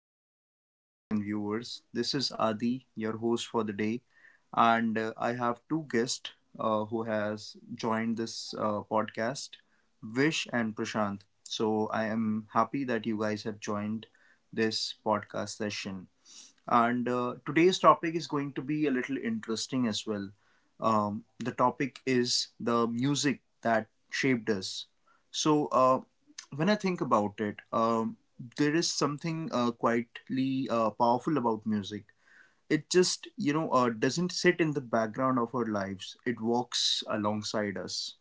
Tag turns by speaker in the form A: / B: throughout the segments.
A: to our listeners and viewers. This is Adi, your host for the day, and I have two guests who has joined this podcast, Vish and Prashant. So I am happy that you guys have joined this podcast session. And today's topic is going to be a little interesting as well. The topic is the music that shaped us. So, when I think about it, there is something quietly powerful about music. It just doesn't sit in the background of our lives, it walks alongside us.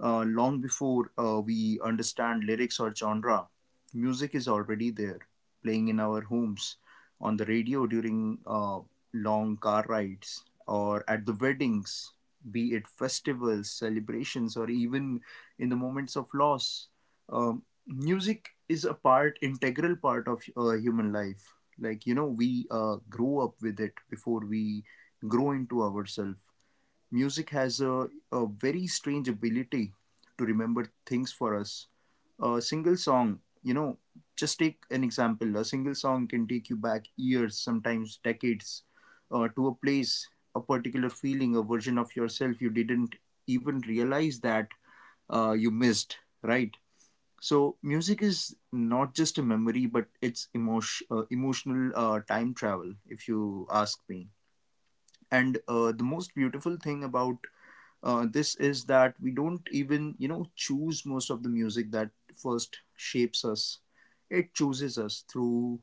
A: Long before we understand lyrics or genre, music is already there, playing in our homes, on the radio during long car rides, or at the weddings, be it festivals, celebrations, or even in the moments of loss. Music is a part, integral part of human life. Like we grow up with it before we grow into ourselves. Music has a very strange ability to remember things for us. A single song just take an example. A single song can take you back years, sometimes decades, to a place, a particular feeling, a version of yourself you didn't even realize that you missed, right? So, music is not just a memory, but it's emotional time travel, if you ask me. And the most beautiful thing about this is that we don't even choose most of the music that first shapes us. It chooses us through,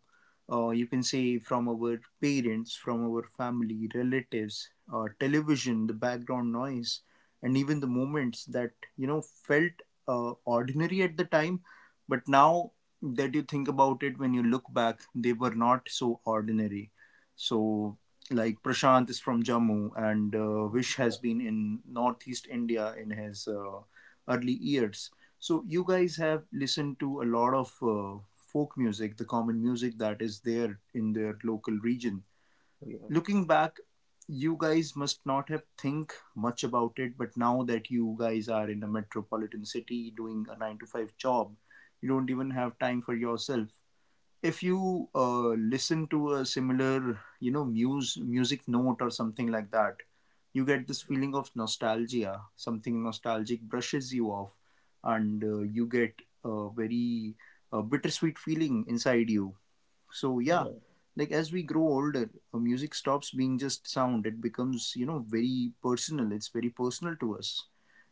A: you can say, from our parents, from our family, relatives, television, the background noise, and even the moments that felt ordinary at the time. But now that you think about it, when you look back, they were not so ordinary. So, like, Prashant is from Jammu and Vish has
B: Yeah,
A: been in Northeast India in his early years. So you guys have listened to a lot of folk music, the common music that is there in their local region.
B: yeah,
A: Looking back, you guys must not have think much about it, but now that you guys are in a metropolitan city doing a nine to five job, you don't even have time for yourself. If you listen to a similar you know muse music note or something like that, you get this feeling of nostalgia. Something nostalgic brushes you off, and you get a very bittersweet feeling inside you. So, yeah.
B: yeah,
A: Like, as we grow older, music stops being just sound. It becomes, you know, very personal. It's very personal to us.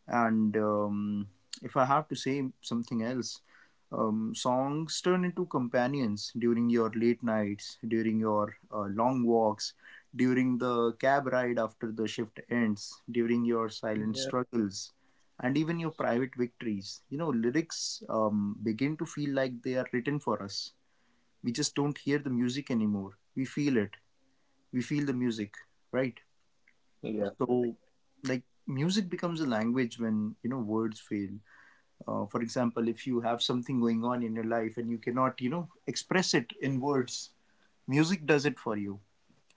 A: And if I have to say something else, songs turn into companions during your late nights, during your long walks, during the cab ride after the shift ends, during your silent
B: yeah,
A: struggles, and even your private victories. Lyrics begin to feel like they are written for us. We just don't hear the music anymore. We feel it. We feel the music, right?
B: yeah,
A: So,
B: right.
A: like, music becomes a language when words fail. For example, if you have something going on in your life and you cannot express it in words, music does it for you.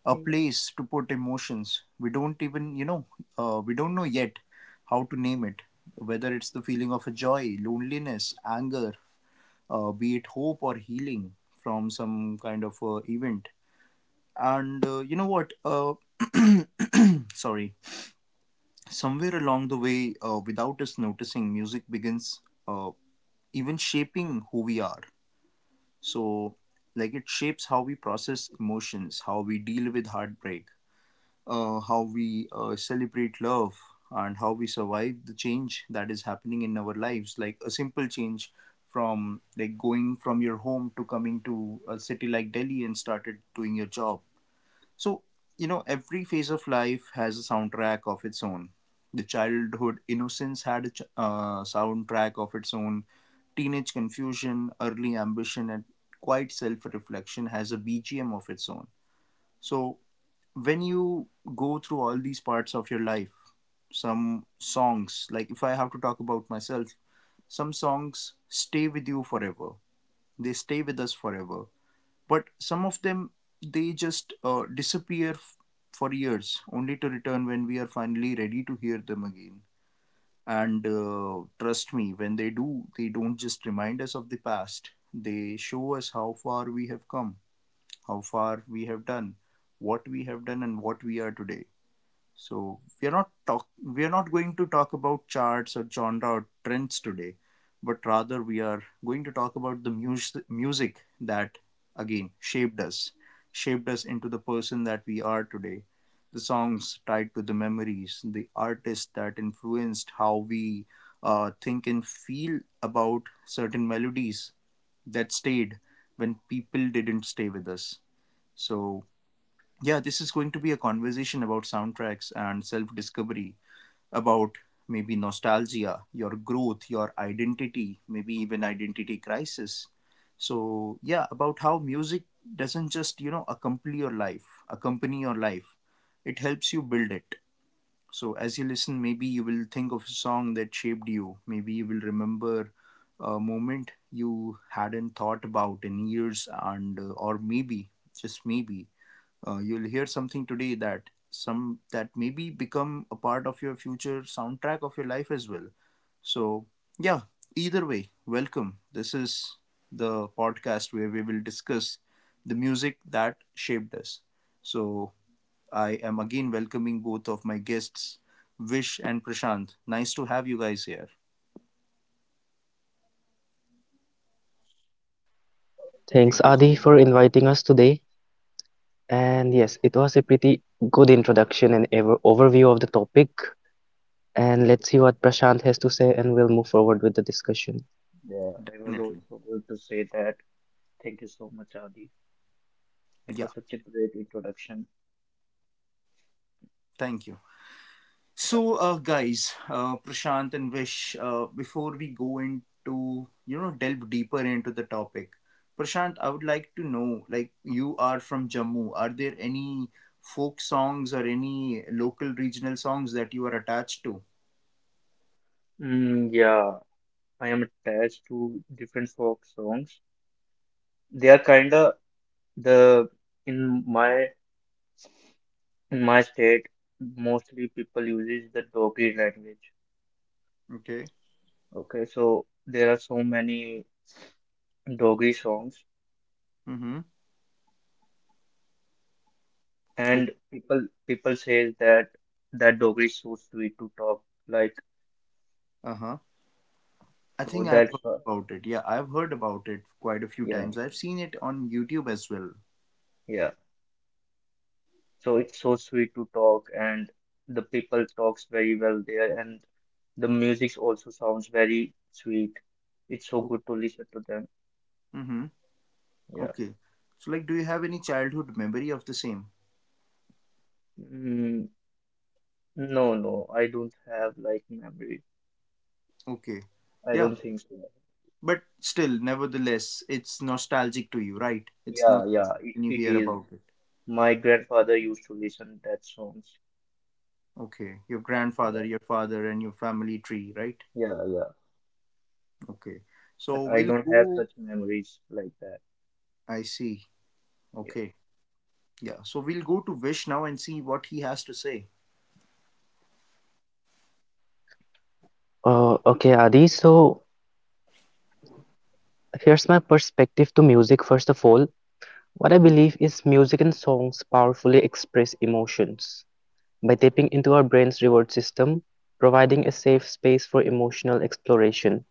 A: A
B: Yeah,
A: place to put emotions. We don't know yet how to name it. Whether it's the feeling of a joy, loneliness, anger, be it hope or healing from some kind of event. And you know what? Sorry. Somewhere along the way, without us noticing, music begins uh, even shaping who we are. So, like, it shapes how we process emotions, how we deal with heartbreak, how we celebrate love, and how we survive the change that is happening in our lives. Like, a simple change from like going from your home to coming to a city like Delhi and started doing your job. So every phase of life has a soundtrack of its own. The childhood innocence had a soundtrack of its own. Teenage confusion, early ambition, and quite self reflection has a BGM of its own. So, when you go through all these parts of your life, some songs, like, if I have to talk about myself, some songs stay with you forever. They stay with us forever, but some of them they just disappear for years, only to return when we are finally ready to hear them again. And trust me, when they do, they don't just remind us of the past, they show us how far we have come, how far we have done, what we have done, and what we are today. So, we are not going to talk about charts or genre or trends today, but rather we are going to talk about the music that again shaped us into the person that we are today. The songs tied to the memories, the artists that influenced how we think and feel about certain melodies that stayed when people didn't stay with us. So yeah, this is going to be a conversation about soundtracks and self discovery, about maybe nostalgia, your growth, your identity, maybe even identity crisis. So, yeah, about how music doesn't just accompany your life, it helps you build it. So, as you listen, maybe you will think of a song that shaped you, maybe you will remember a moment you hadn't thought about in years, and or maybe, just maybe, you'll hear something today that maybe become a part of your future soundtrack of your life as well. So, yeah. Either way, welcome. This is the podcast where we will discuss the music that shaped us. So, I am again welcoming both of my guests, Vish and Prashant. Nice to have you guys here.
C: Thanks,
B: thank you so
C: Adi,
B: much.
C: for inviting us today. And yes, it was a pretty good introduction and ever overview of the topic. And let's see what Prashant has to say, and we'll move forward with the discussion.
B: Yeah, I was also
A: Definitely.
B: going to say that. Thank you so much, Adi. It
A: Yeah,
B: was such a great introduction.
A: thank you. So, guys, Prashant and Vish, before we go into delve deeper into the topic, Prashant, I would like to know, like, you are from Jammu. Are there any folk songs or any local regional songs that you are attached to?
B: Yeah, I am attached to different folk songs. They are kinda the in my in my state mostly people uses the Dogri language.
A: Okay.
B: Okay, so there are so many Dogri songs.
A: Mm-hmm. Okay.
B: And people say that that doggy is so sweet to talk, like
A: Uh-huh. I
B: so
A: think I've heard about it. Yeah, I've heard about it quite a few
B: yeah,
A: times. I've seen it on YouTube as well.
B: yeah. So it's so sweet to talk, and the people talks very well there, and the music also sounds very sweet. It's so
A: Oh.
B: good to listen to them.
A: Mm-hmm.
B: Yeah.
A: Okay. So, like, do you have any childhood memory of the same?
B: Mm, no, no, I don't have like memory.
A: Okay.
B: I
A: Yeah.
B: don't think so.
A: But still, nevertheless, it's nostalgic to you, right? It's not
B: Yeah, yeah,
A: when you
B: it
A: hear
B: is.
A: about it.
B: My grandfather used to listen that songs.
A: Okay, your grandfather,
B: Yeah,
A: your father, and your family tree, right?
B: yeah, yeah.
A: Okay,
B: But
A: so
B: I
A: we'll
B: don't have
A: go.
B: such memories like that.
A: I see.
B: Yeah.
A: Okay, yeah. So we'll go to Vish now and see what he has to say.
C: Okay, Adi, so here's my perspective to music. First of all, what I
A: Hmm.
C: believe is music and songs powerfully express emotions by tapping into our brain's reward system, providing a safe space for emotional exploration.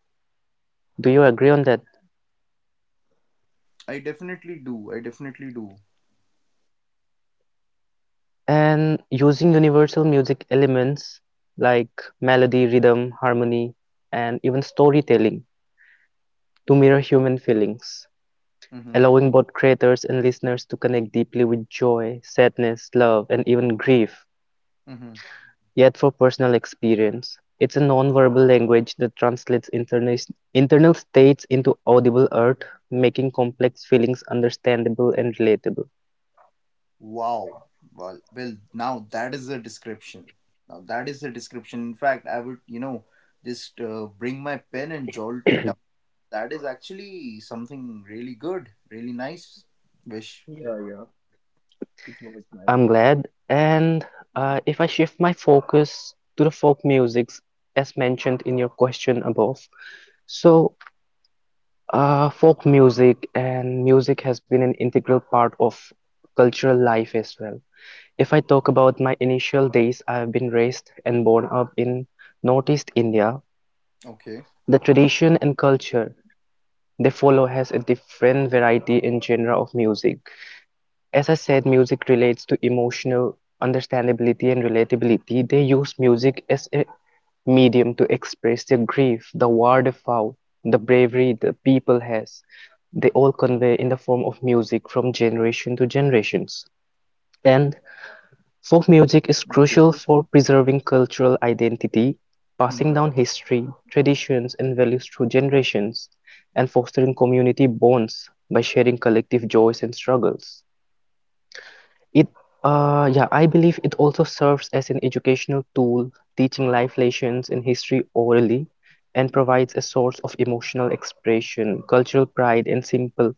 C: Do you agree on that?
A: I definitely do. I definitely do.
C: And using universal music elements like melody, rhythm, harmony, and even storytelling to mirror human feelings,
A: Mm-hmm.
C: allowing both creators and listeners to connect deeply with joy, sadness, love, and even grief,
A: Mm-hmm.
C: yet for personal experience. It's a non-verbal language that translates internal states into audible art, making complex feelings understandable and relatable.
A: Wow. Well, well. Now that is a description. Now that is a description. In fact, I would just bring my pen and jolt it. That is actually something really good, really nice wish.
B: Yeah. Yeah, yeah. It was
C: I'm
B: nice.
C: glad. And if I shift my focus to the folk musics, as mentioned in your question above, so folk music and music has been an integral part of cultural life as well. If I talk about my initial days, I have been raised and born up in Northeast India.
A: Okay.
C: The tradition and culture they follow has a different variety and genre of music. As I said, music relates to emotional understandability and relatability. They use music as a medium to express their grief, the war they fought, the bravery the people has. They all convey in the form of music from generation to generations. And folk music is crucial
A: Okay.
C: for preserving cultural identity,
A: Mm-hmm.
C: passing down history, traditions, and values through generations, and fostering community bonds by sharing collective joys and struggles. It, yeah, I believe it also serves as an educational tool, teaching life lessons in history orally, and provides a source of emotional expression, cultural pride, and simple,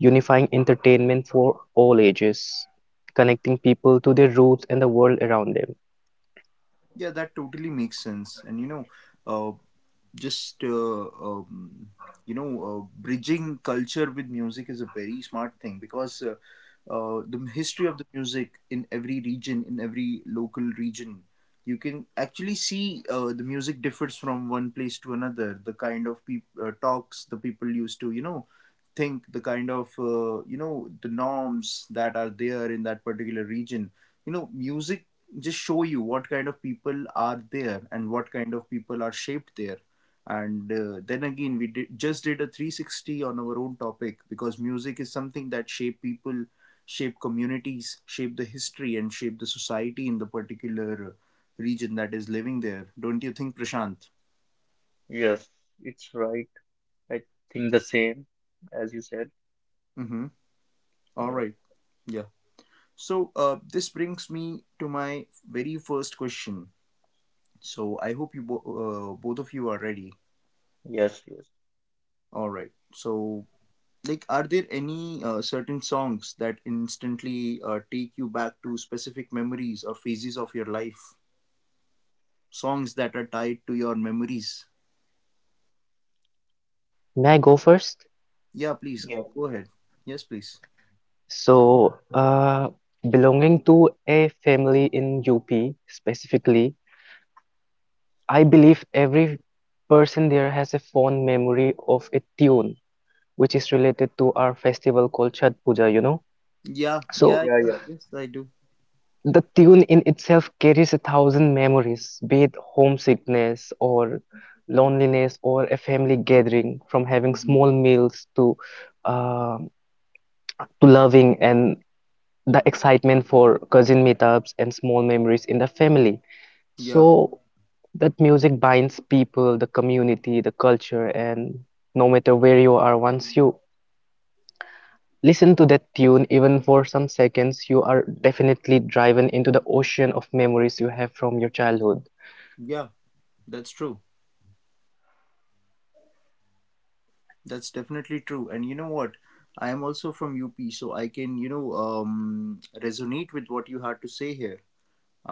C: unifying entertainment for all ages,
A: Hmm.
C: connecting people to their roots and the world around them.
A: Yeah, that totally makes sense. And uh, just bridging culture with music is a very smart thing because the history of the music in every region, in every local region, you can actually see the music differs from one place to another, the kind of talks the people used to think, the kind of the norms that are there in that particular region. Music just show you what kind of people are there and what kind of people are shaped there. And then again, we just did a 360 on our own topic, because music is something that shape people, shape communities, shape the history, and shape the society in the particular region that is living there. Don't you think, Prashant?
B: Yes, it's right. I think the same as you said.
A: Mm-hmm. all
B: Yeah.
A: right yeah so This brings me to my very first question, so I hope you both of you are ready.
B: Yes, yes.
A: All right. So, like, are there any certain songs that instantly take you back to specific memories or phases of your life, songs that are tied to your memories?
C: May I go first?
A: Yeah, please
B: Yeah,
A: go ahead. Yes, please.
C: So, belonging to a family in UP specifically, I believe every person there has a fond memory of a tune which is related to our festival called Chhat Puja, you know.
A: Yeah,
C: So
A: yeah,
B: yeah,
A: yeah,
B: yeah.
A: yes I do.
C: the tune in itself carries a thousand memories, be it homesickness or loneliness or a family gathering, from having
A: Hmm.
C: small meals uh, to loving and the excitement for cousin meetups and small memories in the family.
A: Yeah,
C: So that music binds people, the community, the culture, and no matter where you are, once you listen to that tune even for some seconds, you are definitely driven into the ocean of memories you have from your childhood.
A: yeah, that's true. That's definitely true. And you know what, I am also from UP, so I can, you know, resonate with what you had to say here.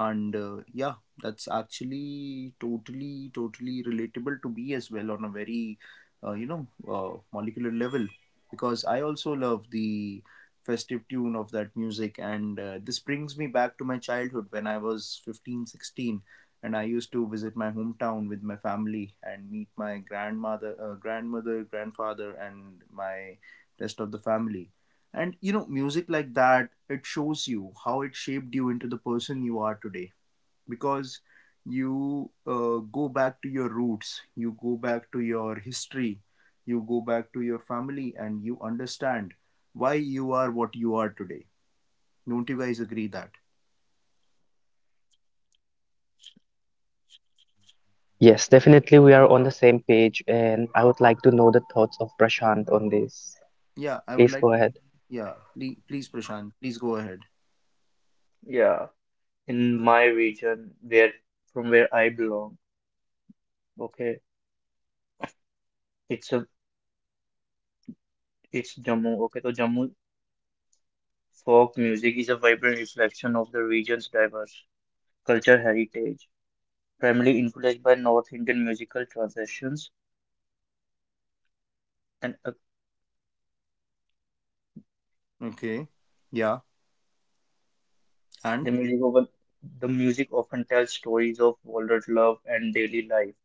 A: And yeah, that's actually totally totally relatable to me as well on a very, you know, molecular level, because I also love the festive tune of that music. And this brings me back to my childhood when I was 15, 16, and I used to visit my hometown with my family and meet my grandmother, grandfather and my rest of the family. And, you know, music like that, it shows you how it shaped you into the person you are today. Because you go back to your roots, you go back to your history, you go back to your family, and you understand why you are what you are today. Don't you guys agree that?
C: Yes, definitely we are
B: Yeah.
C: on the same page, and I would like to know the thoughts of Prashant on this.
A: Yeah, I would
C: Please
A: like.
C: go ahead.
A: Yeah, please, please, Prashant, please go ahead.
B: Yeah. In my region, where from where I belong, okay, it's a it's Jammu. Okay, so Jammu folk music is a vibrant reflection of the region's diverse culture heritage, primarily influenced by North Indian musical traditions and
A: Okay. Yeah, and
B: The music of the music often tells stories of Walter's love and daily life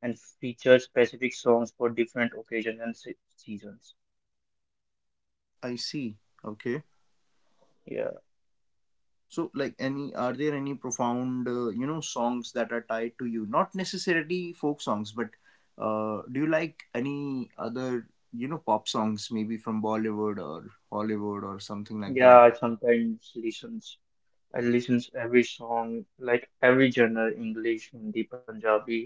B: and features specific songs for different occasions and seasons.
A: I see. Okay.
B: Yeah.
A: So, like, any are there any profound, you know, songs that are tied to you? Not necessarily folk songs, but do you like any other, you know, pop songs, maybe from Bollywood or Hollywood or something like
B: Yeah,
A: that?
B: I sometimes listens. I listens every song, like every genre, English, Hindi, Punjabi.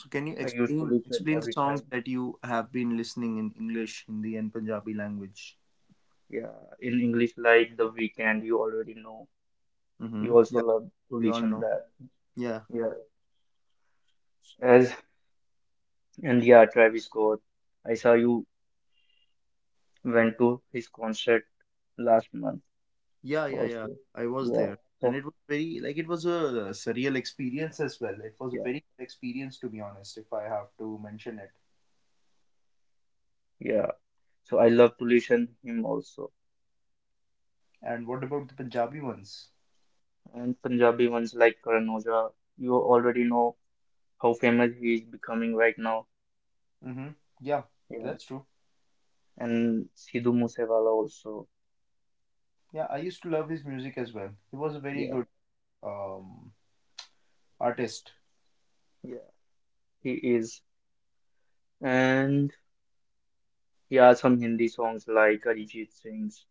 A: So,
B: I
A: can you
B: used to
A: explain
B: listen every
A: explain the
B: time.
A: songs that you have been listening in English, Hindi, and Punjabi language?
B: Yeah, in English, like The Weekend, you already know.
A: Mm-hmm.
B: You also
A: Yeah,
B: love to
A: we all
B: listen
A: know.
B: that.
A: Yeah,
B: Yeah. As and yeah, Travis Scott. I saw you Went to his concert last month
A: yeah, yeah, yeah.
B: also.
A: I was
B: Yeah.
A: there, and
B: So
A: it was very like it was a surreal experience as well. It was a
B: yeah,
A: very good experience, to be honest, if I have to mention it.
B: yeah. So I love to listen him also.
A: And what about the Punjabi ones?
B: And Punjabi ones like Karan Aujla, you already know how famous he is becoming right now.
A: Hmm. Yeah,
B: Yeah.
A: that's true.
B: And Sidhu Moosewala also.
A: Yeah, I used to love his music as well. He was a very
B: Yeah,
A: good, um, artist.
B: yeah, he is. And yeah, some Hindi songs like Arijit Singh's,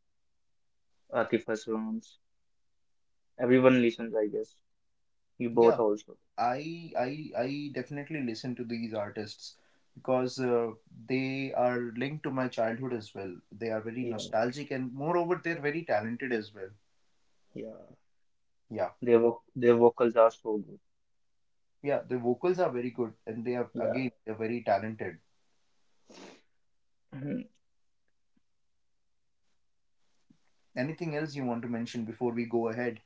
B: Atif Aslam's. Everyone listens, I guess. You both
A: Yeah,
B: also.
A: I I I definitely listen to these artists because they are linked to my childhood as well. They are very
B: Yeah,
A: nostalgic and moreover they're very talented as well.
B: yeah.
A: Yeah.
B: Their vocals are so good.
A: Yeah, the vocals are very good and they are
B: Yeah.
A: again they're very talented.
B: Mhm.
A: Anything else you want to mention before we go ahead?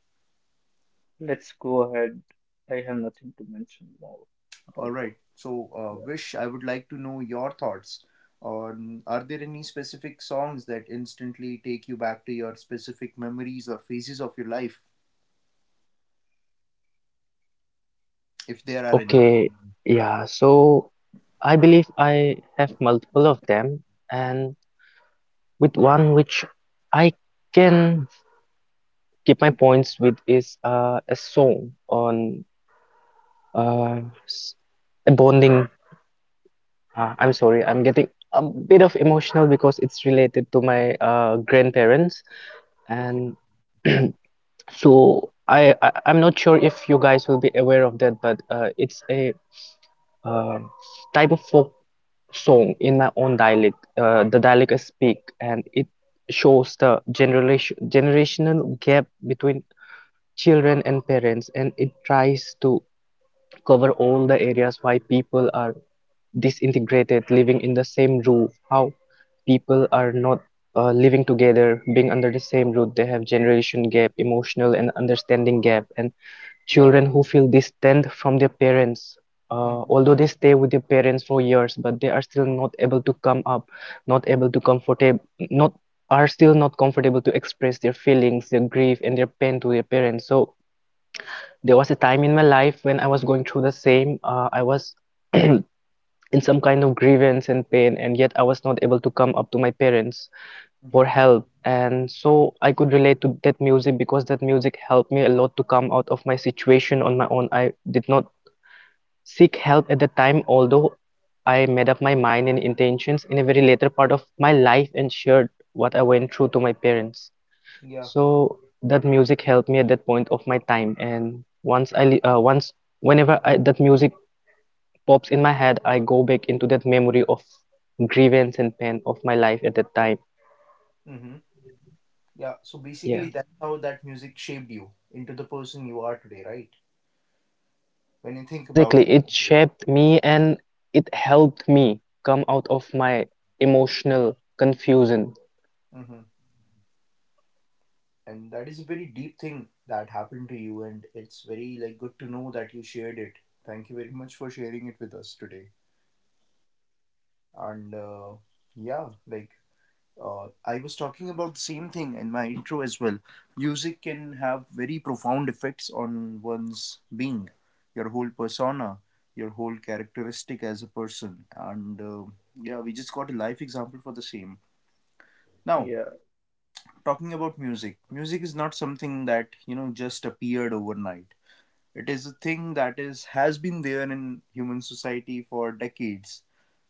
B: Let's go ahead. I have nothing to mention more
A: All
B: about it.
A: right. So,
B: Yeah.
A: Vish, I would like to know your thoughts on, are there any specific songs that instantly take you back to your specific memories or phases of your life, if there are any?
C: Okay, yeah, so I believe I have multiple of them, and with one which I can keep my points with is a song on uh, s- a bonding. I'm sorry, I'm getting a bit of emotional because it's related to my grandparents,
A: Okay.
C: and so I'm not sure if you guys will be aware of that, but it's a uh, type of folk song in my own dialect. The dialect I speak, and it shows the generational gap between children and parents, and it tries to cover all the areas why people are disintegrated living in the same roof, how people are not living together being under the same roof. They have generation gap, emotional and understanding gap, and
A: Yeah.
C: children who feel distant from their parents,
A: Mm-hmm.
C: although they stay with their parents for years, but they are still not able to come up, not able to comfortable, not are still not comfortable to express their feelings, their grief and their pain to their parents. So there was a time in my life when I was going through the same. I was in some kind of grievance and pain, and yet I was not able to come up to my parents for
A: Mm-hmm.
C: help, and so I could relate to that music because that music helped me a lot to come out of my situation on my own. I did not seek help at the time, although I made up my mind and intentions in a very later part of my life and shared what I went through to my parents.
A: Yeah.
C: So that music helped me at that point of my time, and once whenever that music pops in my head, I go back into that memory of grievance and pain of my life at that time.
A: Mm-hmm. Yeah. So
C: Yeah,
A: basically, that's how that music shaped you into the person you are today, right? When you think about.
C: exactly. It shaped me and it helped me come out of my emotional confusion.
A: Mm-hmm. And that is a very deep thing that happened to you, and it's very like good to know that you shared it. Thank you very much for sharing it with us today. And yeah, like, I was talking about the same thing in my intro as well. Music can have very profound effects on one's being, your whole persona, your whole characteristic as a person. And yeah, we just got a life example for the same. Now,
B: Yeah.
A: talking about music, music is not something that, you know, just appeared overnight. It is a thing that is has been there in human society for decades.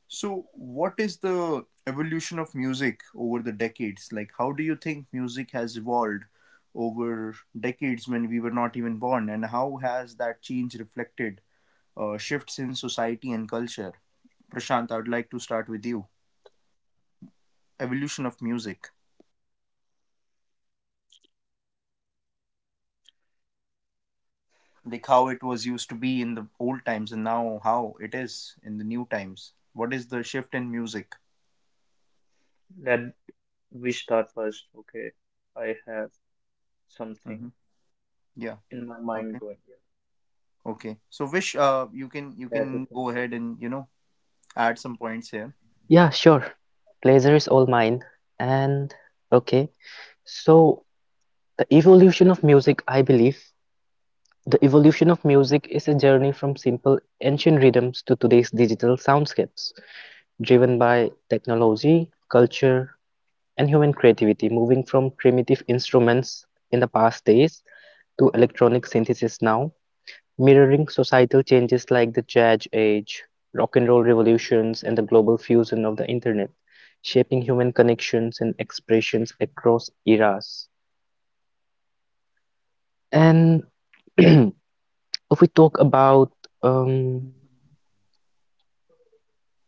A: So, what is the evolution of music over the decades? Like, how do you think music has evolved over decades when we were not even born, and how has that change reflected shifts in society and culture? Prashant, I would like to start with you. Evolution of music, like how it was used to be in the old times, and now how it is in the new times. What is the shift in music?
B: Let we start first. Okay. I have
A: Mm-hmm.
B: something
A: Yeah.
B: in my mind
A: Okay.
B: going here.
A: Okay. So, Vish, you
B: That's the
A: can
B: thing
A: go ahead
B: first.
A: and, you know, add some points here.
C: Yeah, sure. Pleasure is all mine. And okay, so the evolution of music, I believe, the evolution of music is a journey from simple ancient rhythms to today's digital soundscapes, driven by technology, culture, and human creativity, moving from primitive instruments in the past days to electronic synthesis now, mirroring societal changes like the jazz age, rock and roll revolutions, and the global fusion of the internet, shaping human connections and expressions across eras. And if we talk about um,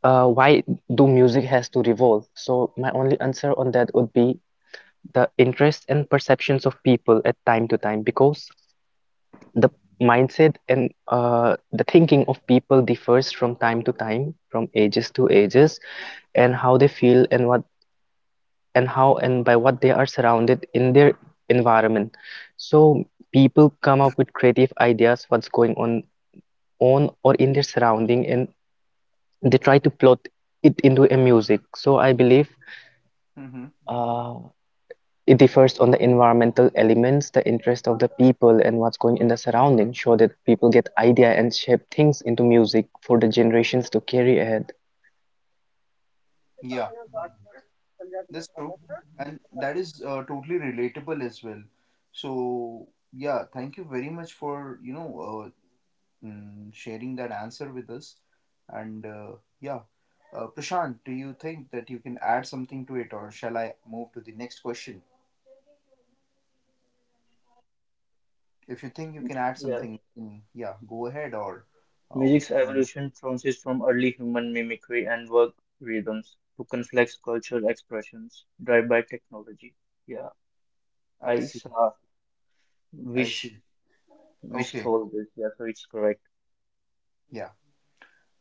C: why do music has to revolve? So my only answer on that would be the interests and perceptions of people at time to time, because the mindset and the thinking of people differs from time to time, from ages to ages, and how they feel and what and how and by what they are surrounded in their environment. So people come up with creative ideas what's going on or in their surrounding, and they try to plot it into a music. So I believe
A: Mm-hmm.
C: uh, it differs on the environmental elements, the interest of the people, and what's going in the surrounding, so that people get idea and shape things into music for the generations to carry ahead.
A: Yeah, that's true. And that is totally relatable as well. So, yeah, thank you very much for, you know, sharing that answer with us. And yeah, Prashant, do you think that you can add something to it, or shall I move to the next question? If you think you
B: Mm,
A: can add
B: Yeah.
A: something, yeah, go ahead, or we
B: Music's
A: can move
B: evolution trances from early human mimicry and work rhythms to complex cultural expressions driven by technology. Yeah.
A: on. I
B: I
A: see.
B: saw
A: I
B: wish
A: see.
B: wish
A: Okay.
B: told this. Yeah, so it's correct.
A: Yeah.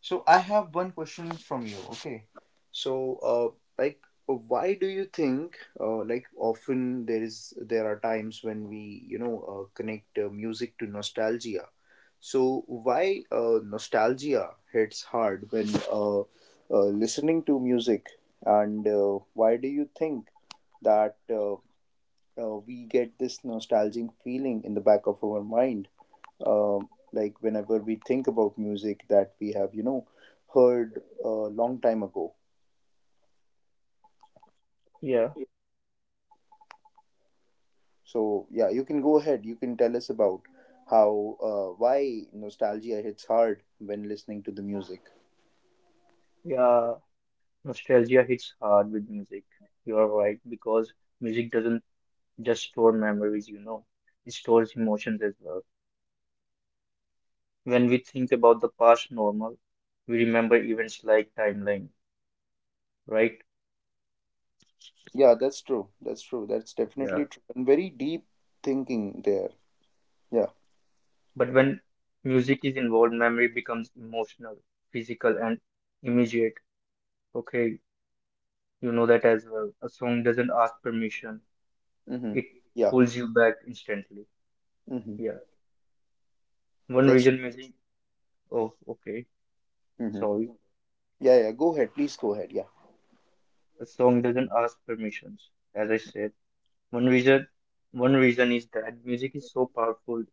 A: So I have one question from you. Okay. So, like, why do you think, like, often there are times when we, you know, connect music to nostalgia. So why nostalgia hits hard when, listening to music. And why do you think that, we get this nostalgic feeling in the back of our mind, like whenever we think about music that we have, you know, heard a long time ago.
B: Yeah.
A: So yeah, you can go ahead, you can tell us about how, why nostalgia hits hard when listening to the music.
B: Yeah. Nostalgia hits hard with music. You're right, because music doesn't just store memories, it stores emotions as well. When we think about the past normal, we remember events like timeline, right?
A: Yeah, that's true, that's true, that's definitely
B: Yeah.
A: true, and very deep thinking there. Yeah.
B: But when music is involved, memory becomes emotional, physical, and immediate. Okay, you know that as well. A song doesn't ask permission,
A: Mm-hmm.
B: it
A: Yeah.
B: pulls you back instantly.
A: Mm-hmm.
B: Yeah. One
A: That's
B: reason music. Oh, okay.
A: mm-hmm.
B: Sorry.
A: Yeah, yeah, go ahead, please go ahead, yeah.
B: The song doesn't ask permissions. As I said, one reason one reason is that music is so powerful.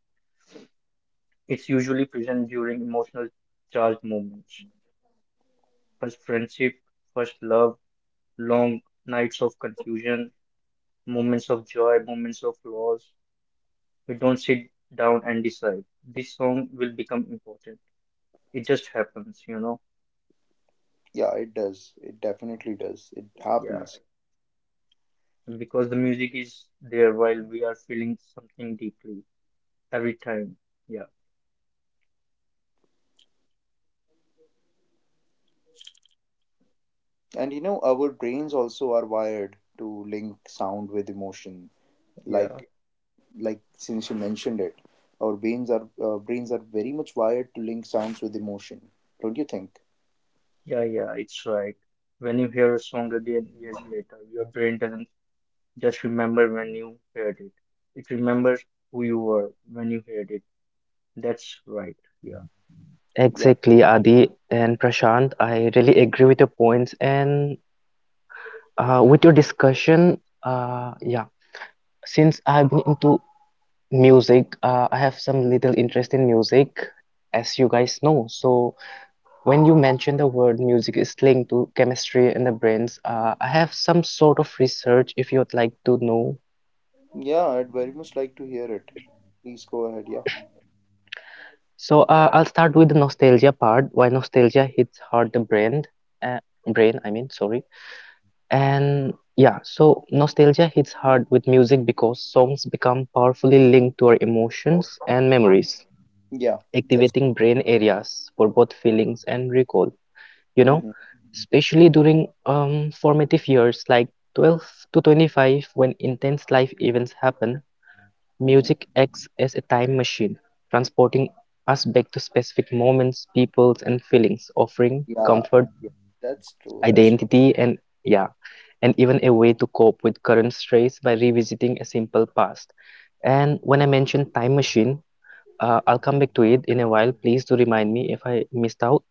B: It's usually present during emotional charged moments. First friendship, first love, long nights of confusion, moments of joy, moments of loss. We don't sit down and decide. This song will become important. It just happens.
A: Yeah, it does, it definitely does, it
B: Yeah.
A: happens.
B: Because the music is there while we are feeling something deeply every time. Yeah.
A: And you know, our brains also are wired to link sound with emotion.
B: Yeah.
A: Like, like since you mentioned it, our brains are, brains are very much wired to link sounds with emotion. Don't you think?
B: Yeah, yeah, it's right. When you hear a song again years later, your brain doesn't just remember when you heard it. It remembers who you were when you heard it. That's right. Yeah.
A: Yeah,
C: Exactly, Adi and Prashant. I really agree with your points and with your discussion. Yeah, since I've been into music, I have some little interest in music, as you guys know. So when you mention the word music is linked to chemistry in the brains, I have some sort of research if you'd like to know.
A: yeah. I'd very much like to hear it. Please go ahead.
C: So I'll start with the nostalgia part. Why nostalgia hits hard the brain, uh, brain I mean, sorry. And yeah, so nostalgia hits hard with music because songs become powerfully linked to our emotions and
A: Yeah,
C: memories,
A: yeah. That's good.
C: activating brain areas for both feelings and recall. You know,
A: Mm-hmm.
C: especially during formative years like 12 to 25, when intense life events happen,
A: Mm-hmm.
C: music acts as a time machine, transporting us back to specific moments, peoples, and feelings, offering
A: Yeah,
C: comfort,
A: yeah. That's true. That's true.
C: identity, and yeah, and even a way to cope with current stress by revisiting a simple past. And when I mention time machine, I'll come back to it in a while. Please do remind me if I missed out.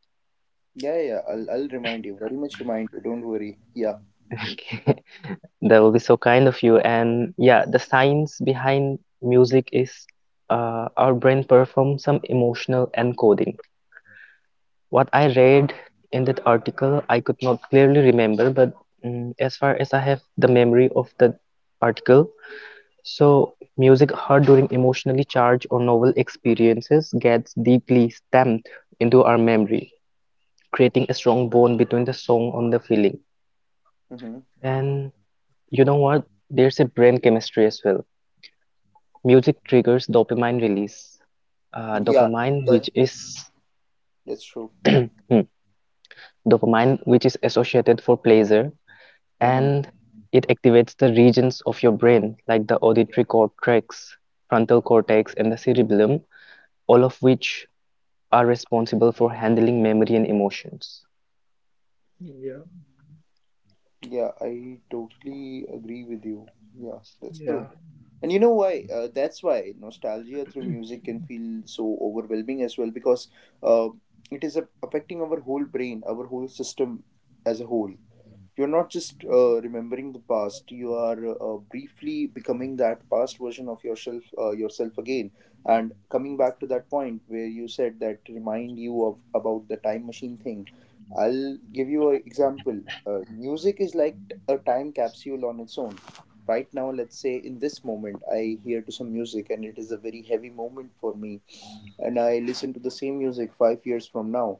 A: Yeah, yeah, yeah, I'll remind you. Very much remind you. Don't worry. Yeah.
C: That will be so kind of you. And yeah, the science behind music is our brain performs some emotional encoding. What I read in that article, I could not clearly remember, but as far as I have the memory of the article, so music heard during emotionally charged or novel experiences gets deeply stamped into our memory, creating a strong bond between the song and the feeling.
A: Mm-hmm.
C: And you know what? There's a brain chemistry as well. Music triggers dopamine release,
A: Yeah.
C: dopamine which
A: That's
C: is
A: that's true.
C: dopamine which is associated for pleasure,
A: Mm-hmm.
C: and it activates the regions of your brain like the auditory cortex, frontal cortex, and the cerebellum, all of which are responsible for handling memory and emotions.
B: Yeah.
A: Yeah, I totally agree with you. Yeah, that's true.
B: Yeah.
A: And you know why? That's why nostalgia through music can feel so overwhelming as well, because uh, it is affecting our whole brain, our whole system as a whole. You're not just remembering the past; you are briefly becoming that past version of yourself again. And coming back to that point where you said that remind you of about the time machine thing. I'll give you an example. Music is like a time capsule on its own. Right now, let's say in this moment, I hear to some music, and it is a very heavy moment for me, and I listen to the same music 5 years from now,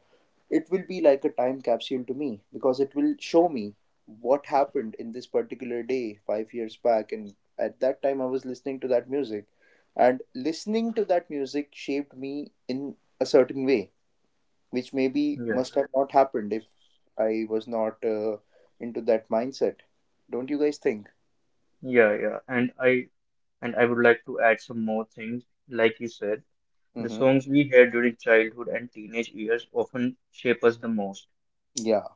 A: it will be like a time capsule to me because it will show me what happened in this particular day 5 years back. And at that time, I was listening to that music, and listening to that music shaped me in a certain way, which maybe
B: Yeah.
A: must have not happened if I was not, into that mindset. Don't you guys think?
B: Yeah, yeah. And I would like to add some more things. Like you said, the
A: Mm-hmm.
B: songs we hear during childhood and teenage years often shape us the most.
A: Yeah,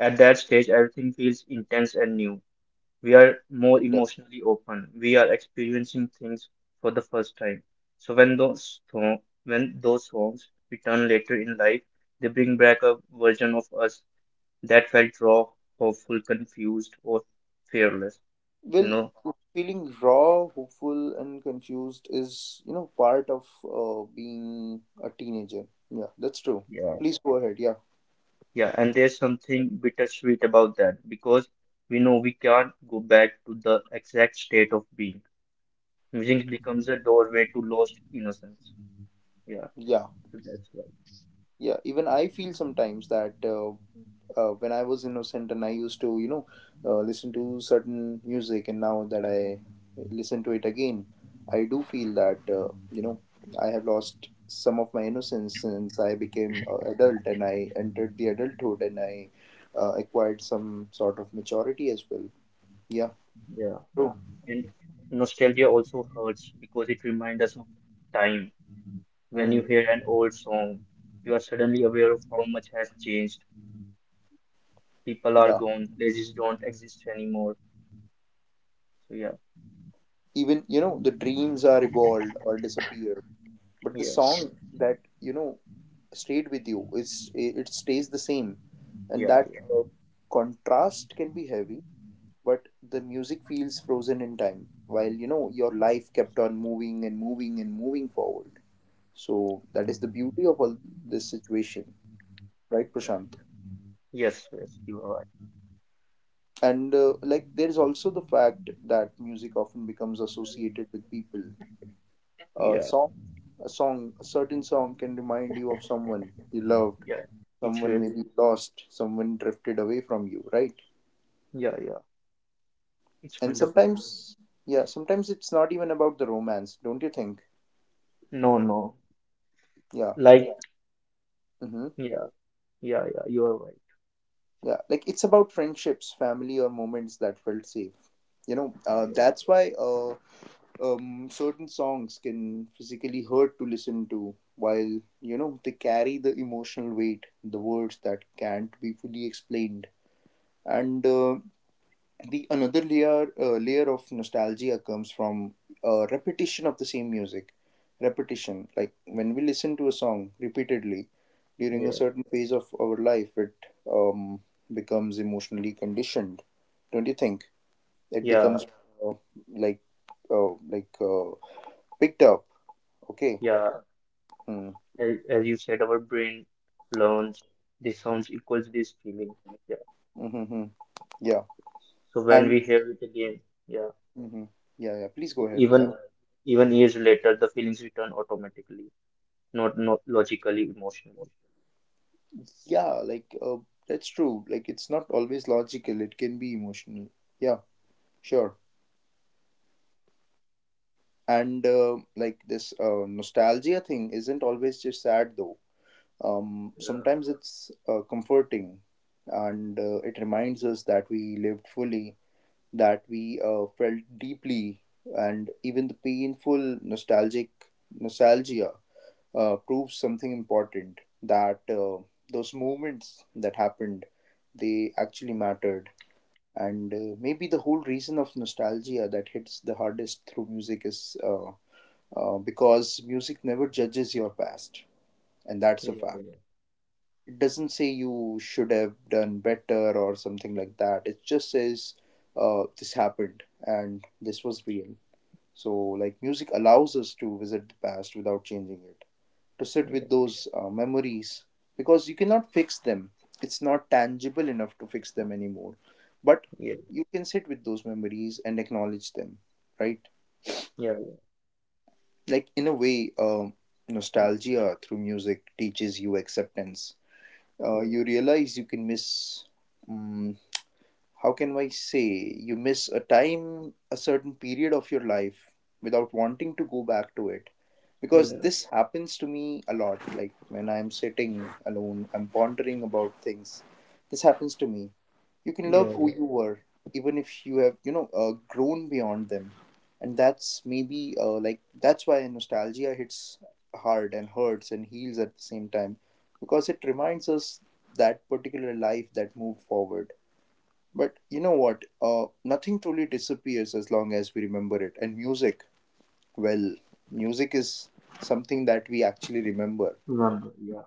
B: At that stage, everything feels intense and new. We are more
A: it.
B: emotionally open. We are experiencing things for the first time. So when when those songs return later in life, they bring back a version of us that felt raw, hopeful, confused, or fearless. You
A: Well,
B: know,
A: feeling raw, hopeful, and confused is, you know, part of being a teenager. Yeah, that's true.
B: Yeah.
A: Please go ahead. Yeah,
B: yeah, and there's something bittersweet about that because we know we can't go back to the exact state of being. Music becomes a doorway to lost innocence. Yeah,
A: yeah,
B: so that's right.
A: yeah. Even I feel sometimes that, when I was innocent and I used to, you know, listen to certain music, and now that I listen to it again, I do feel that, you know, I have lost some of my innocence since I became adult and I entered the adulthood and I acquired some sort of maturity as well. Yeah,
B: Yeah.
A: true.
B: And nostalgia also hurts because it reminds us of time. When you
A: Mm,
B: hear an old song, you are suddenly aware of how much has changed. People are
A: yeah.
B: gone, places don't exist anymore. So yeah,
A: Even, you know, the dreams are evolved or disappear, but the
B: yeah,
A: song that, you know, stayed with you, it's it stays the same, and
B: yeah,
A: that uh, contrast can be heavy, but the music feels frozen in time while, you know, your life kept on moving and moving and moving forward. So that is the beauty of all this situation, right,
B: yeah.
A: Prashant?
B: Yes, yes, you are right.
A: And like, there is also the fact that music often becomes associated with people. a
B: Yeah,
A: song a certain song can remind you of someone you loved,
B: yeah. It's
A: someone
B: really,
A: maybe lost, someone drifted away from you, right?
B: yeah, yeah. It's
A: And
B: 100%.
A: sometimes, yeah, sometimes it's not even about the romance, don't you think?
B: No, no.
A: Yeah.
B: Like,
A: Mm-hmm.
B: yeah, yeah, yeah, you are right.
A: Yeah. Like it's about friendships, family, or moments that felt safe. You know,
B: Yeah,
A: that's why, certain songs can physically hurt to listen to while, you know, they carry the emotional weight, the words that can't be fully explained. And the another layer of nostalgia comes from repetition of the same music. Repetition, like when we listen to a song repeatedly during a
B: yeah,
A: certain phase of our life, it um, becomes emotionally conditioned, don't you think? It
B: yeah,
A: becomes, uh, like uh, like uh, picked up, okay.
B: yeah.
A: Mm.
B: As you said, our brain learns. This sounds equals this feeling. Yeah.
A: Mm-hmm. Yeah.
B: So when we
A: And
B: hear it again, yeah,
A: hmm. Yeah, yeah, please go
B: e-
A: ahead,
B: even
A: yeah.
B: even years later, the feelings return automatically, not logically, emotionally.
A: Yeah, like, that's true, like it's not always logical, it can be emotional. Yeah. Sure. And like this nostalgia thing isn't always just sad though. Sometimes it's comforting, and it reminds us that we lived fully, that we felt deeply, and even the painful nostalgic nostalgia proves something important, that those moments that happened, they actually mattered. And maybe the whole reason of nostalgia that hits the hardest through music is, because music never judges your past, and that's
B: Yeah,
A: a fact.
B: yeah,
A: It doesn't say you should have done better or something like that. It just says, this happened and this was real. So, like, music allows us to visit the past without changing it, to sit with those memories because you cannot fix them. It's not tangible enough to fix them anymore. But
B: yeah, yeah,
A: you can sit with those memories and acknowledge them, right?
B: yeah,
A: Like in a way nostalgia through music teaches you acceptance. You
B: yeah,
A: realize you can miss, mm how can I say, you miss a time, a certain period of your life without wanting to go back to it. Because
B: yeah,
A: this happens to me a lot. Like when I'm sitting alone, I'm pondering about things. This happens to me. You can love
B: yeah,
A: who
B: yeah.
A: you were, even if you have, you know, grown beyond them. And that's maybe like, that's why nostalgia hits hard and hurts and heals at the same time. Because it reminds us that particular life that moved forward. But you know what? Nothing truly disappears as long as we remember it. And music, well, music is something that we actually remember.
B: Remember, yeah,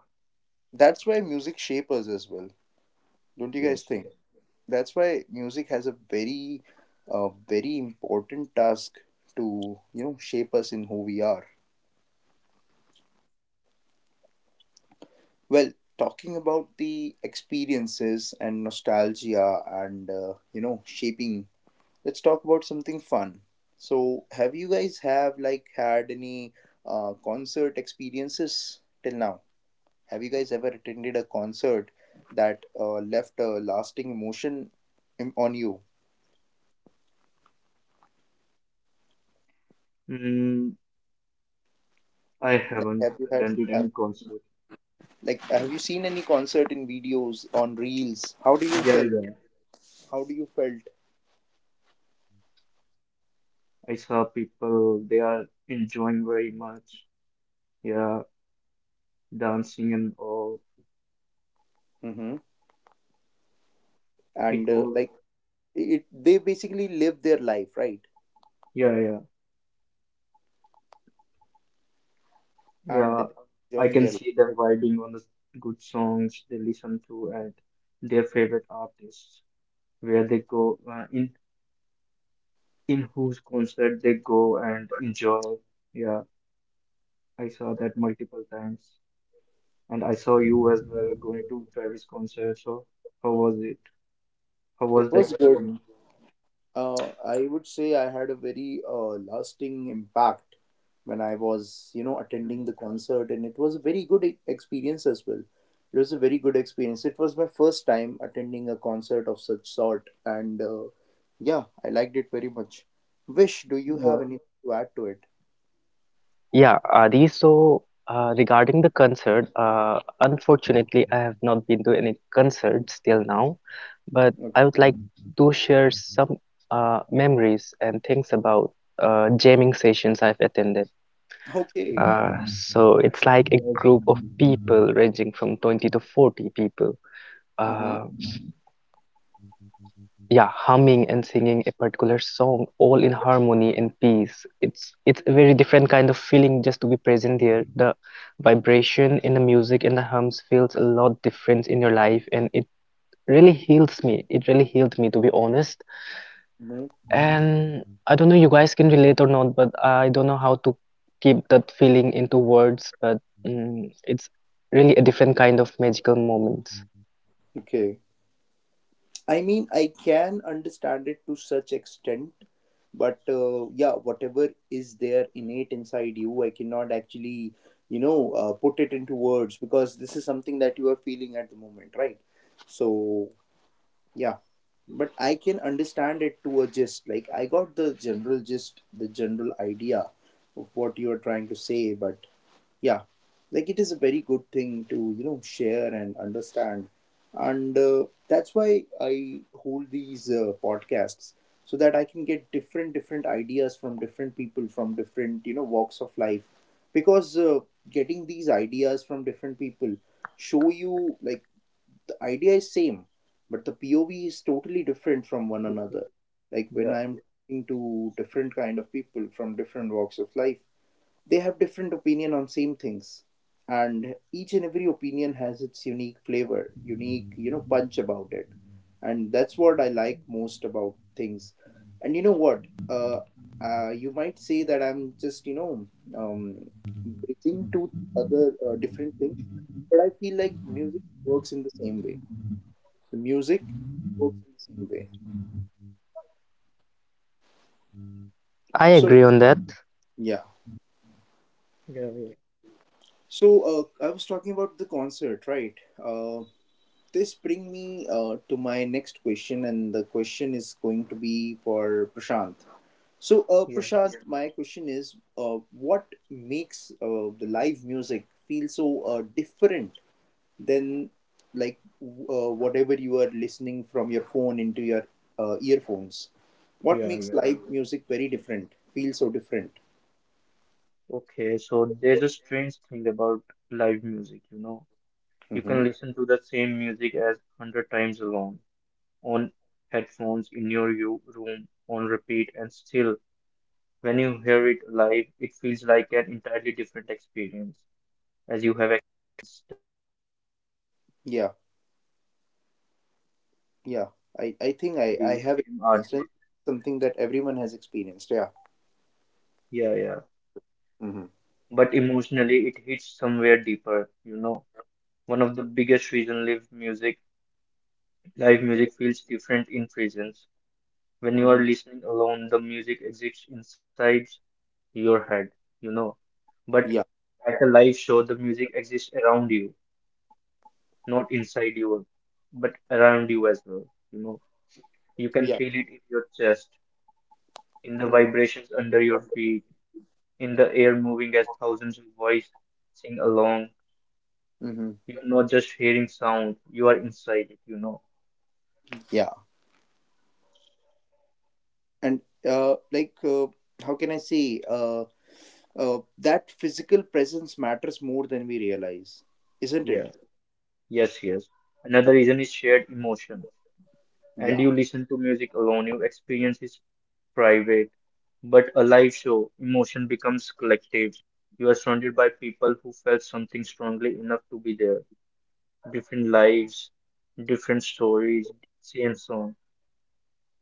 A: That's why music shapes us as well. Don't you guys
B: yes,
A: think?
B: yes.
A: That's why music has a very, very important task to, you know, shape us in who we are. Well, talking about the experiences and nostalgia and, you know, shaping, let's talk about something fun. So, have you guys have like had any concert experiences till now? Have you guys ever attended a concert that left a lasting emotion on you?
B: Mm, I
A: Like,
B: haven't
A: have you had
B: attended
A: have,
B: any concert.
A: like have you seen any concert in videos on reels? How do you
B: Yeah,
A: felt?
B: yeah,
A: How do you felt?
B: I saw people, they are enjoying very much. Yeah, dancing and all.
A: Mm-hmm. And
B: It was,
A: like it, they basically live their life, right?
B: yeah, yeah. Yeah,
A: And
B: I
A: enjoying
B: can
A: their life,
B: see them
A: right?
B: vibing on the good songs they listen to and their favorite artists, where they go, in whose concert they go and enjoy. Yeah, I saw that multiple times, and I saw you as well going to Travis concert. So how was it? How
A: It
B: was the
A: was good.
B: experience?
A: I would say I had a very lasting impact when I was, you know,
B: Mm,
A: attending the concert, and it was a very good experience as well. It was a very good experience. It was my first time attending a concert of such sort, and yeah, I liked it very much. Wish, do you
B: yeah,
A: have anything to add to it?
C: Yeah, Adi. So, regarding the concert, unfortunately, I have not been to any concerts till now, but I would
A: Okay.
C: like to share some memories and things about jamming sessions I've attended.
A: Okay.
C: So,
B: it's
C: it's
B: really
C: like a
B: nice.
C: group of
B: Mm,
C: people ranging from 20 to 40 people.
A: Mm-hmm.
C: Uh, yeah, humming and singing a particular song all in harmony and peace. It's a very different kind of feeling just to be present there. The vibration in the music and the hums feels a lot different in your life, and it really heals me. It really healed me, to be honest.
A: Mm-hmm.
C: And I don't know you guys can relate or not, but I don't know how to keep that feeling into words, but it's really a different kind of magical moments.
A: Okay. I mean, I can understand it to such extent, but yeah, whatever is there innate inside you, I cannot actually, you know, put it into words, because this is something that you are feeling at the moment, right? So yeah. But I can understand it to a gist. Like I got the general gist, the general idea of what you are trying to say, but yeah. Like it is a very good thing to, you know, share and understand. And that's why I hold these podcasts, so that I can get different different ideas from different people from different, you know, walks of life. Because getting these ideas from different people show you like the idea is same, but the POV is totally different from one
B: it's,
A: another. Like when
B: yeah,
A: I'm talking to different kind of people from different walks of life, they have different opinion on same things, and each and every opinion has its unique flavor, unique, you know, punch about it. And that's what I like most about things. And you know what, you might say that I'm just, you know, um bridging to other different things, but I feel like music works in the same way. The music works in the same way.
C: I
A: So
C: agree on that.
A: yeah.
B: yeah,
A: So I was talking about the concert, right? Um this bring me to my next question, and the question is going to be for Prashant. So
B: yeah,
A: Prashant, yeah, my question is what makes the live music feel so different than like whatever you are listening from your phone into your earphones? What
B: yeah, yeah,
A: makes
B: yeah.
A: live music very different, feel so different?
B: Okay, so there's a strange thing about live music, you know. You can
A: Mm-hmm.
B: listen to the same music as 100 times alone on headphones in your room on repeat, and still, when you hear it live, it feels like an entirely different experience as you have experienced.
A: Yeah. Yeah, I think I
B: The
A: have
B: same
A: experienced it.
B: artist.
A: Something that everyone has experienced, yeah.
B: Yeah, yeah.
A: Mm-hmm.
B: But emotionally, it hits somewhere deeper, you know. One of the biggest reason live music feels different in presence. When you
A: Mm-hmm.
B: are listening alone, the music exists inside your head, you know. But
A: Yeah.
B: at a live show, the music exists around you, not inside you, but around you as well, you know. You can
A: Yeah.
B: feel it in your chest, in the
A: Hmm.
B: vibrations under your feet, in the air moving as thousands of voices sing along.
A: Hmm.
B: You're not just hearing sound, you are inside it, you know.
A: Yeah. And uh, like, uh, how can I say? That physical presence matters more than we realize, isn't it?
B: Yeah. Yes, yes. Another reason is shared emotion. And
A: Yeah.
B: you listen to music alone, your experience is private. But a live show, emotion becomes collective. You are surrounded by people who felt something strongly enough to be there. Different lives, different stories, same song.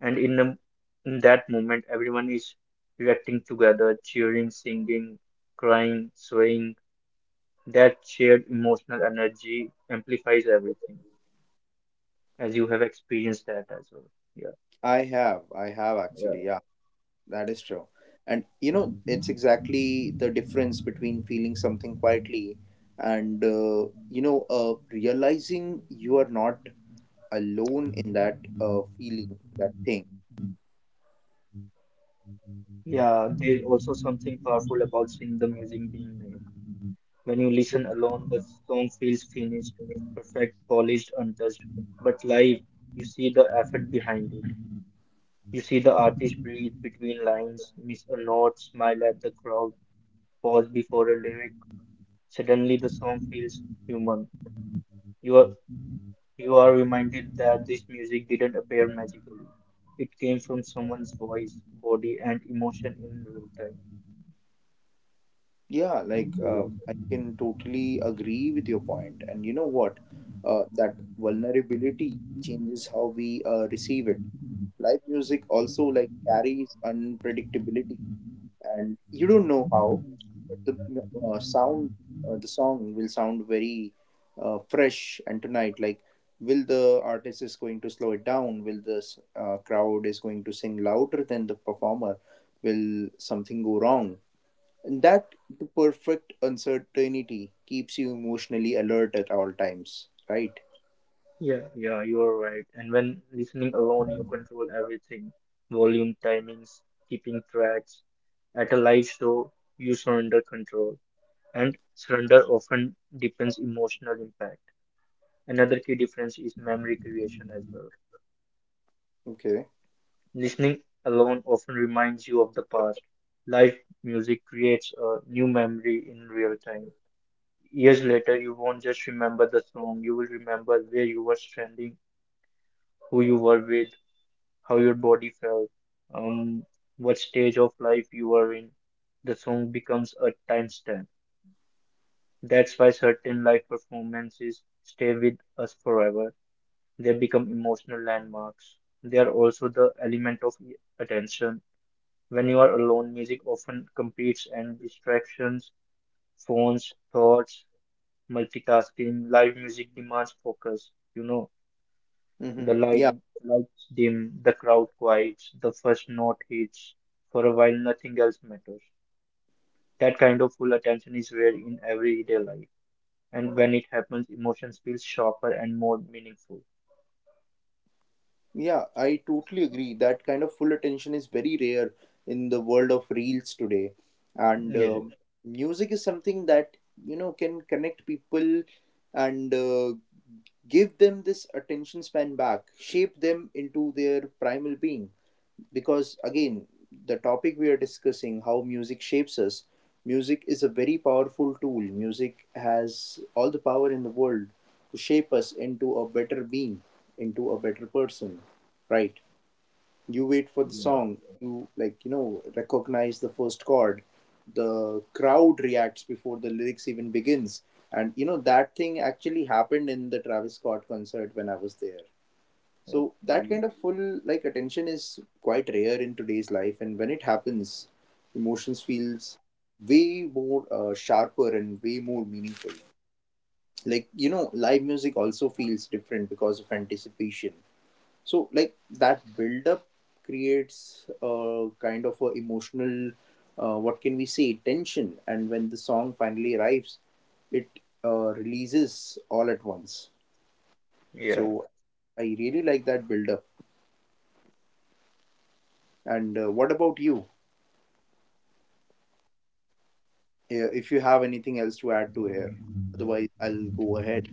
B: And in that moment, everyone is reacting together, cheering, singing, crying, swaying. That shared emotional energy amplifies everything, as you have experienced that as well. Yeah.
A: I have. I have actually.
B: Yeah.
A: Yeah. That is true. And you know, it's exactly the difference between feeling something quietly and, you know, realizing you are not alone in that feeling, that thing.
B: Yeah, there's also something powerful about seeing the music being made. When you listen alone, the song feels finished, perfect, polished, untouched. But live, you see the effort behind it. You see the artist breathe between lines, miss a note, smile at the crowd, pause before a lyric. Suddenly, the song feels human. You are You are reminded that this music didn't appear magically. It came from someone's voice, body, and emotion in real time.
A: Yeah, like
B: So yeah,
A: I can totally agree with your point. And you know what? That vulnerability changes how we receive it. Live music also like carries unpredictability, and you don't know how, but the sound, the song will sound very fresh. And tonight, like, will the artist is going to slow it down? Will this crowd is going to sing louder than the performer? Will something go wrong? And that the perfect uncertainty keeps you emotionally alert at all times, right?
B: yeah, yeah, you are right. And when listening alone, you control everything: volume, timings, keeping tracks. At a live show, you surrender control, and surrender often deepens emotional impact. Another key difference is memory creation as well.
A: Okay.
B: Listening alone often reminds you of the past. Live music creates a new memory in real time. Years later, you won't just remember the song, you will remember where you were standing, who you were with, how your body felt, um, what stage of life you were in. The song becomes a timestamp. That's why certain live performances stay with us forever. They become emotional landmarks. They are also the element of attention. When you are alone, music often competes and distractions, phones, thoughts, multitasking, live music demands focus. You know, the
A: Mm-hmm. Yeah.
B: light lights dim, the crowd quiets, the first note hits. For a while, nothing else matters. That kind of full attention is rare in everyday life, and when it happens, emotions feel sharper and more meaningful.
A: Yeah, I totally agree. That kind of full attention is very rare in the world of reels today. And
B: Yeah,
A: music is something that, you know, can connect people and give them this attention span back, shape them into their primal being. Because again, the topic we are discussing, how music shapes us, music is a very powerful tool. Music has all the power in the world to shape us into a better being, into a better person, right? You wait for the
B: yeah,
A: song you like, you know, recognize the first chord, the crowd reacts before the lyrics even begins. And you know that thing actually happened in the Travis Scott concert when I was there. So that
B: okay,
A: kind of full like attention is quite rare in today's life, and when it happens, emotions feels way more sharper and way more meaningful. Like you know, live music also feels different because of anticipation. So like that build up creates a kind of a emotional, what can we say, tension, and when the song finally arrives, it releases all at once.
B: yeah.
A: So I really like that build up. And what about you? Yeah, if you have anything else to add to here, otherwise I'll go ahead.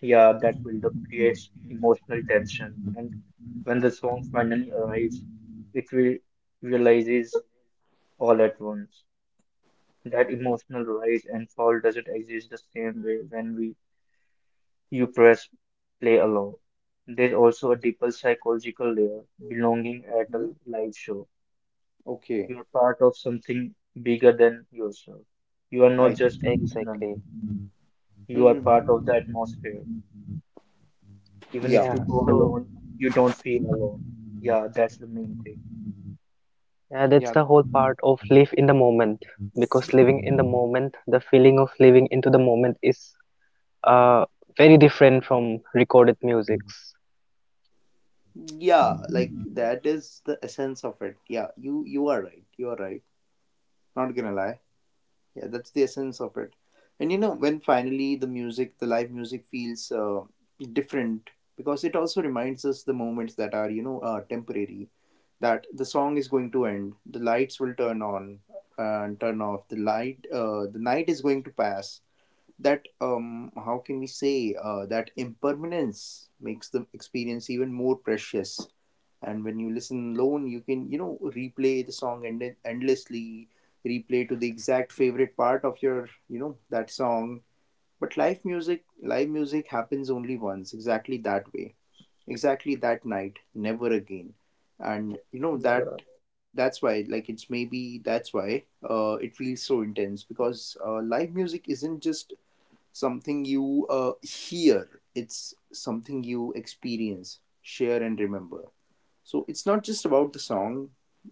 B: Yeah, that buildup creates emotional tension, and when the song finally arrives, it re- realizes all at once that emotional rise and fall doesn't exist the same way when we you press play alone. There's also a deeper psychological layer, belonging at
A: Mhm.
B: a live show.
A: Okay,
B: You're part of something bigger than yourself. You are not
A: nice.
B: just a listener,
C: Exactly,
B: you are
A: Mm-hmm.
B: part of the atmosphere. Even
A: Yeah,
B: if you
C: yeah.
B: go
C: So
B: alone, you don't feel alone. Yeah, that's the main thing.
C: yeah, that's
A: yeah,
C: the whole part of live in the moment, because living in the moment, the feeling of living into the moment is uh, very different from recorded musics.
A: yeah. Like that is the essence of it. Yeah, you are right. You are right. Not gonna lie. Yeah, that's the essence of it. And you know when finally the music, the live music feels different because it also reminds us the moments that are, you know, temporary. That the song is going to end, the lights will turn on and turn off. The light, the night is going to pass, that how can we say, that impermanence makes the experience even more precious. And when you listen alone, you can, you know, replay the song endlessly, replay to the exact favorite part of your, you know, that song. But live music, live music happens only once, exactly that way, exactly that night, never again. And you know that,
B: Yeah,
A: that's why like it's maybe that's why it feels so intense, because live music isn't just something you hear, it's something you experience, share, and remember. So it's not just about the song,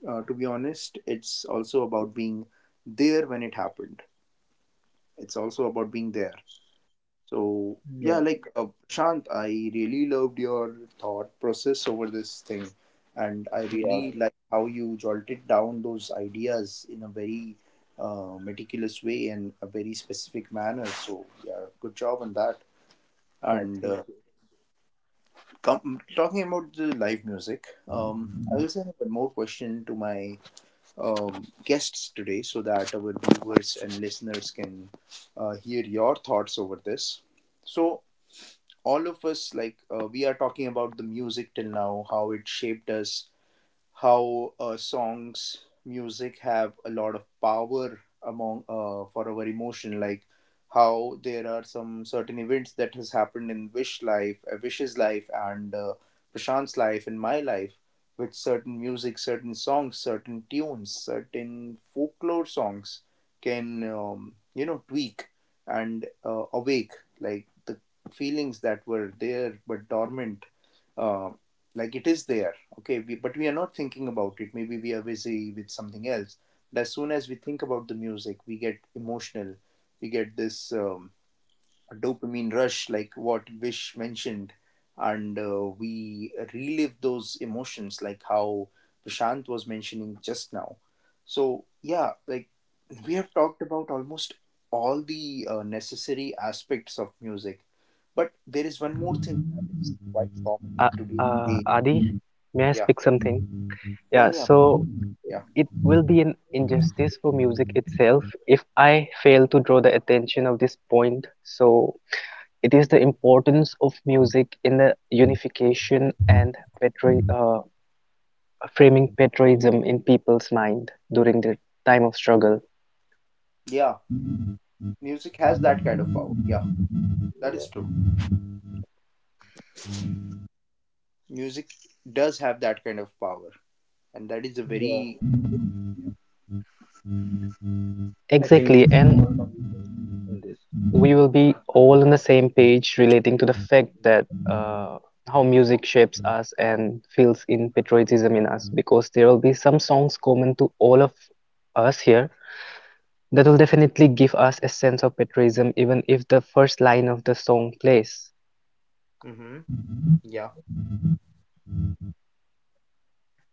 A: to be honest, it's also about being there when it happened. It's also about being there. So yeah,
B: yeah,
A: like Shant, I really loved your thought process over this thing, and I
B: yeah.
A: really like how you jolted down those ideas in a very meticulous way and a very specific manner. So yeah, good job on that.
B: Yeah.
A: And
B: Thank you.
A: talking about the live music, I also have one more question to my guests today, so that our viewers and listeners can hear your thoughts over this. So, all of us, like, we are talking about the music till now, how it shaped us, how songs, music have a lot of power among for our emotion. Like how there are some certain events that has happened in Wish life, Wish's life, and Prashant's life, and my life, with certain music, certain songs, certain tunes, certain folklore songs can, you know, tweak and awake like the feelings that were there but dormant. uh, like it is there, okay we, but we are not thinking about it, maybe we are busy with something else. But as soon as we think about the music, we get emotional, we get this a dopamine rush, like what Vish mentioned, and we relive those emotions, like how Prashant was mentioning just now. So, yeah, like we have talked about almost all the necessary aspects of music, but there is one more thing that is quite common in
C: Uh,
A: today's day.
C: Adi, may I
A: Yeah,
C: speak something?
A: yeah,
C: Yeah,
A: yeah,
C: so
A: yeah,
C: it will be an injustice for music itself if I fail to draw the attention of this point. So it is the importance of music in the unification and patri- uh, framing patriotism in people's mind during their time of struggle.
A: yeah. Music has that kind of power. Yeah, that
B: Yeah.
A: is true. Music does have that kind of power, and that is a
B: Yeah.
A: very.
B: I think
C: Exactly,
B: we all can
C: and
B: relate in this.
C: we will be all on the same page relating to the fact that how music shapes us and feels in patriotism in us, because there will be some songs common to all of us here that will definitely give us a sense of patriotism, even if the first line of the song plays.
A: Mm-hmm. Yeah.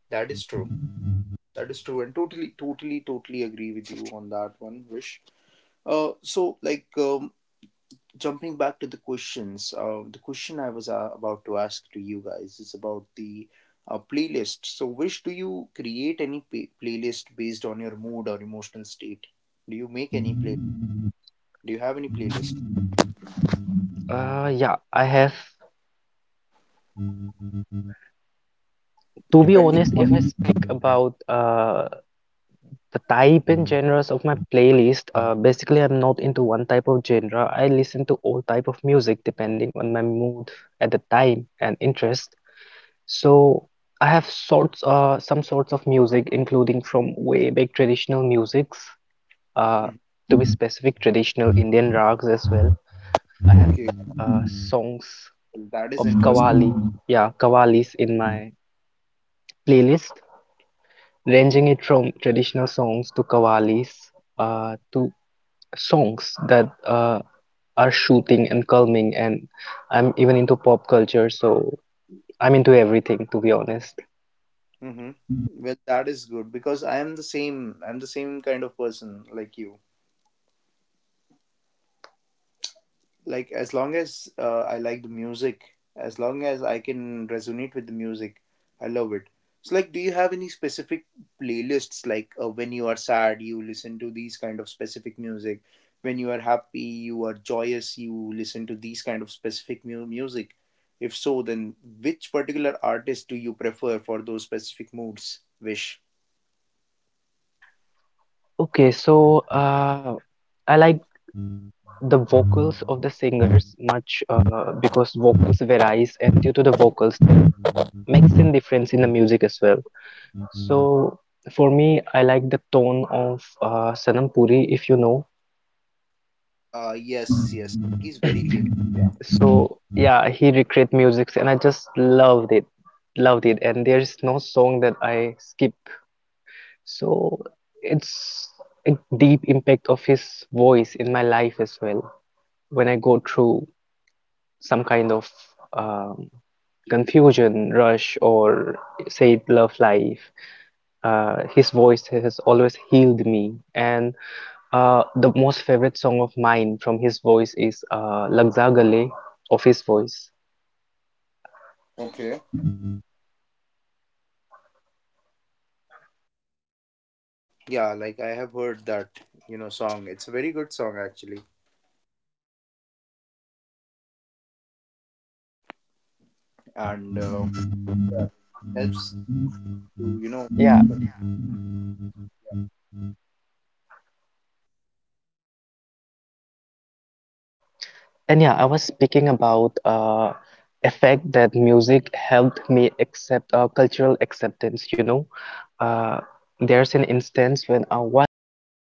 A: That is true. That is true, and totally, totally, totally agree with you on that one, Vish. So like, jumping back to the questions, the question I was about to ask to you guys is about the playlist. So, Vish, do you create any playlist based on your mood or emotional state? Do you make any play? Do you have any playlist?
C: Yeah, I have, to be
A: Depending
C: honest, if
A: on.
C: I speak about the type and genres of my playlist, basically I'm not into one type of genre. I listen to all type of music depending on my mood at the time and interest. So I have some sorts of music, including from way back traditional musics, uh,
A: Mhm.
C: to be specific, traditional Indian rags as well,
A: Okay,
C: uh, songs
A: well, that is
C: of
A: interesting.
C: Qawwali, yeah, Qawwalis in my playlist, ranging it from traditional songs to Qawwalis, to songs that are shooting and calming, and I'm even into pop culture, so I'm into everything, to be honest.
A: Mm-hmm. Well, that is good because I am the same. I'm the same kind of person like you. Like as long as I like the music, as long as I can resonate with the music, I love it. So like, do you have any specific playlists? Like when you are sad, you listen to these kind of specific music. When you are happy, you are joyous, you listen to these kind of specific music. If so, then which particular artist do you prefer for those specific moods, Wish?
C: Okay, so I like the vocals of the singers much because vocals varies, and due to the vocals, there makes a difference in the music as well. So for me, I like the tone of Sanam Puri, if you know.
A: Yes, yes. He's very famous.
C: So yeah, he recreate musics, and I just loved it, loved it. And there is no song that I skip. So it's a deep impact of his voice in my life as well. When I go through some kind of um, confusion, rush, or say love life, his voice has always healed me. And the most favorite song of mine from his voice is Lag Za Gale of his voice.
A: Okay. Yeah, like I have heard that, you know, song. It's a very good song actually. And yeah, it helps to you know
C: Yeah,
A: make all those memories as well.
C: and yeah, I was speaking about effect that music helped me accept cultural acceptance. You know, uh, there's an instance when I was in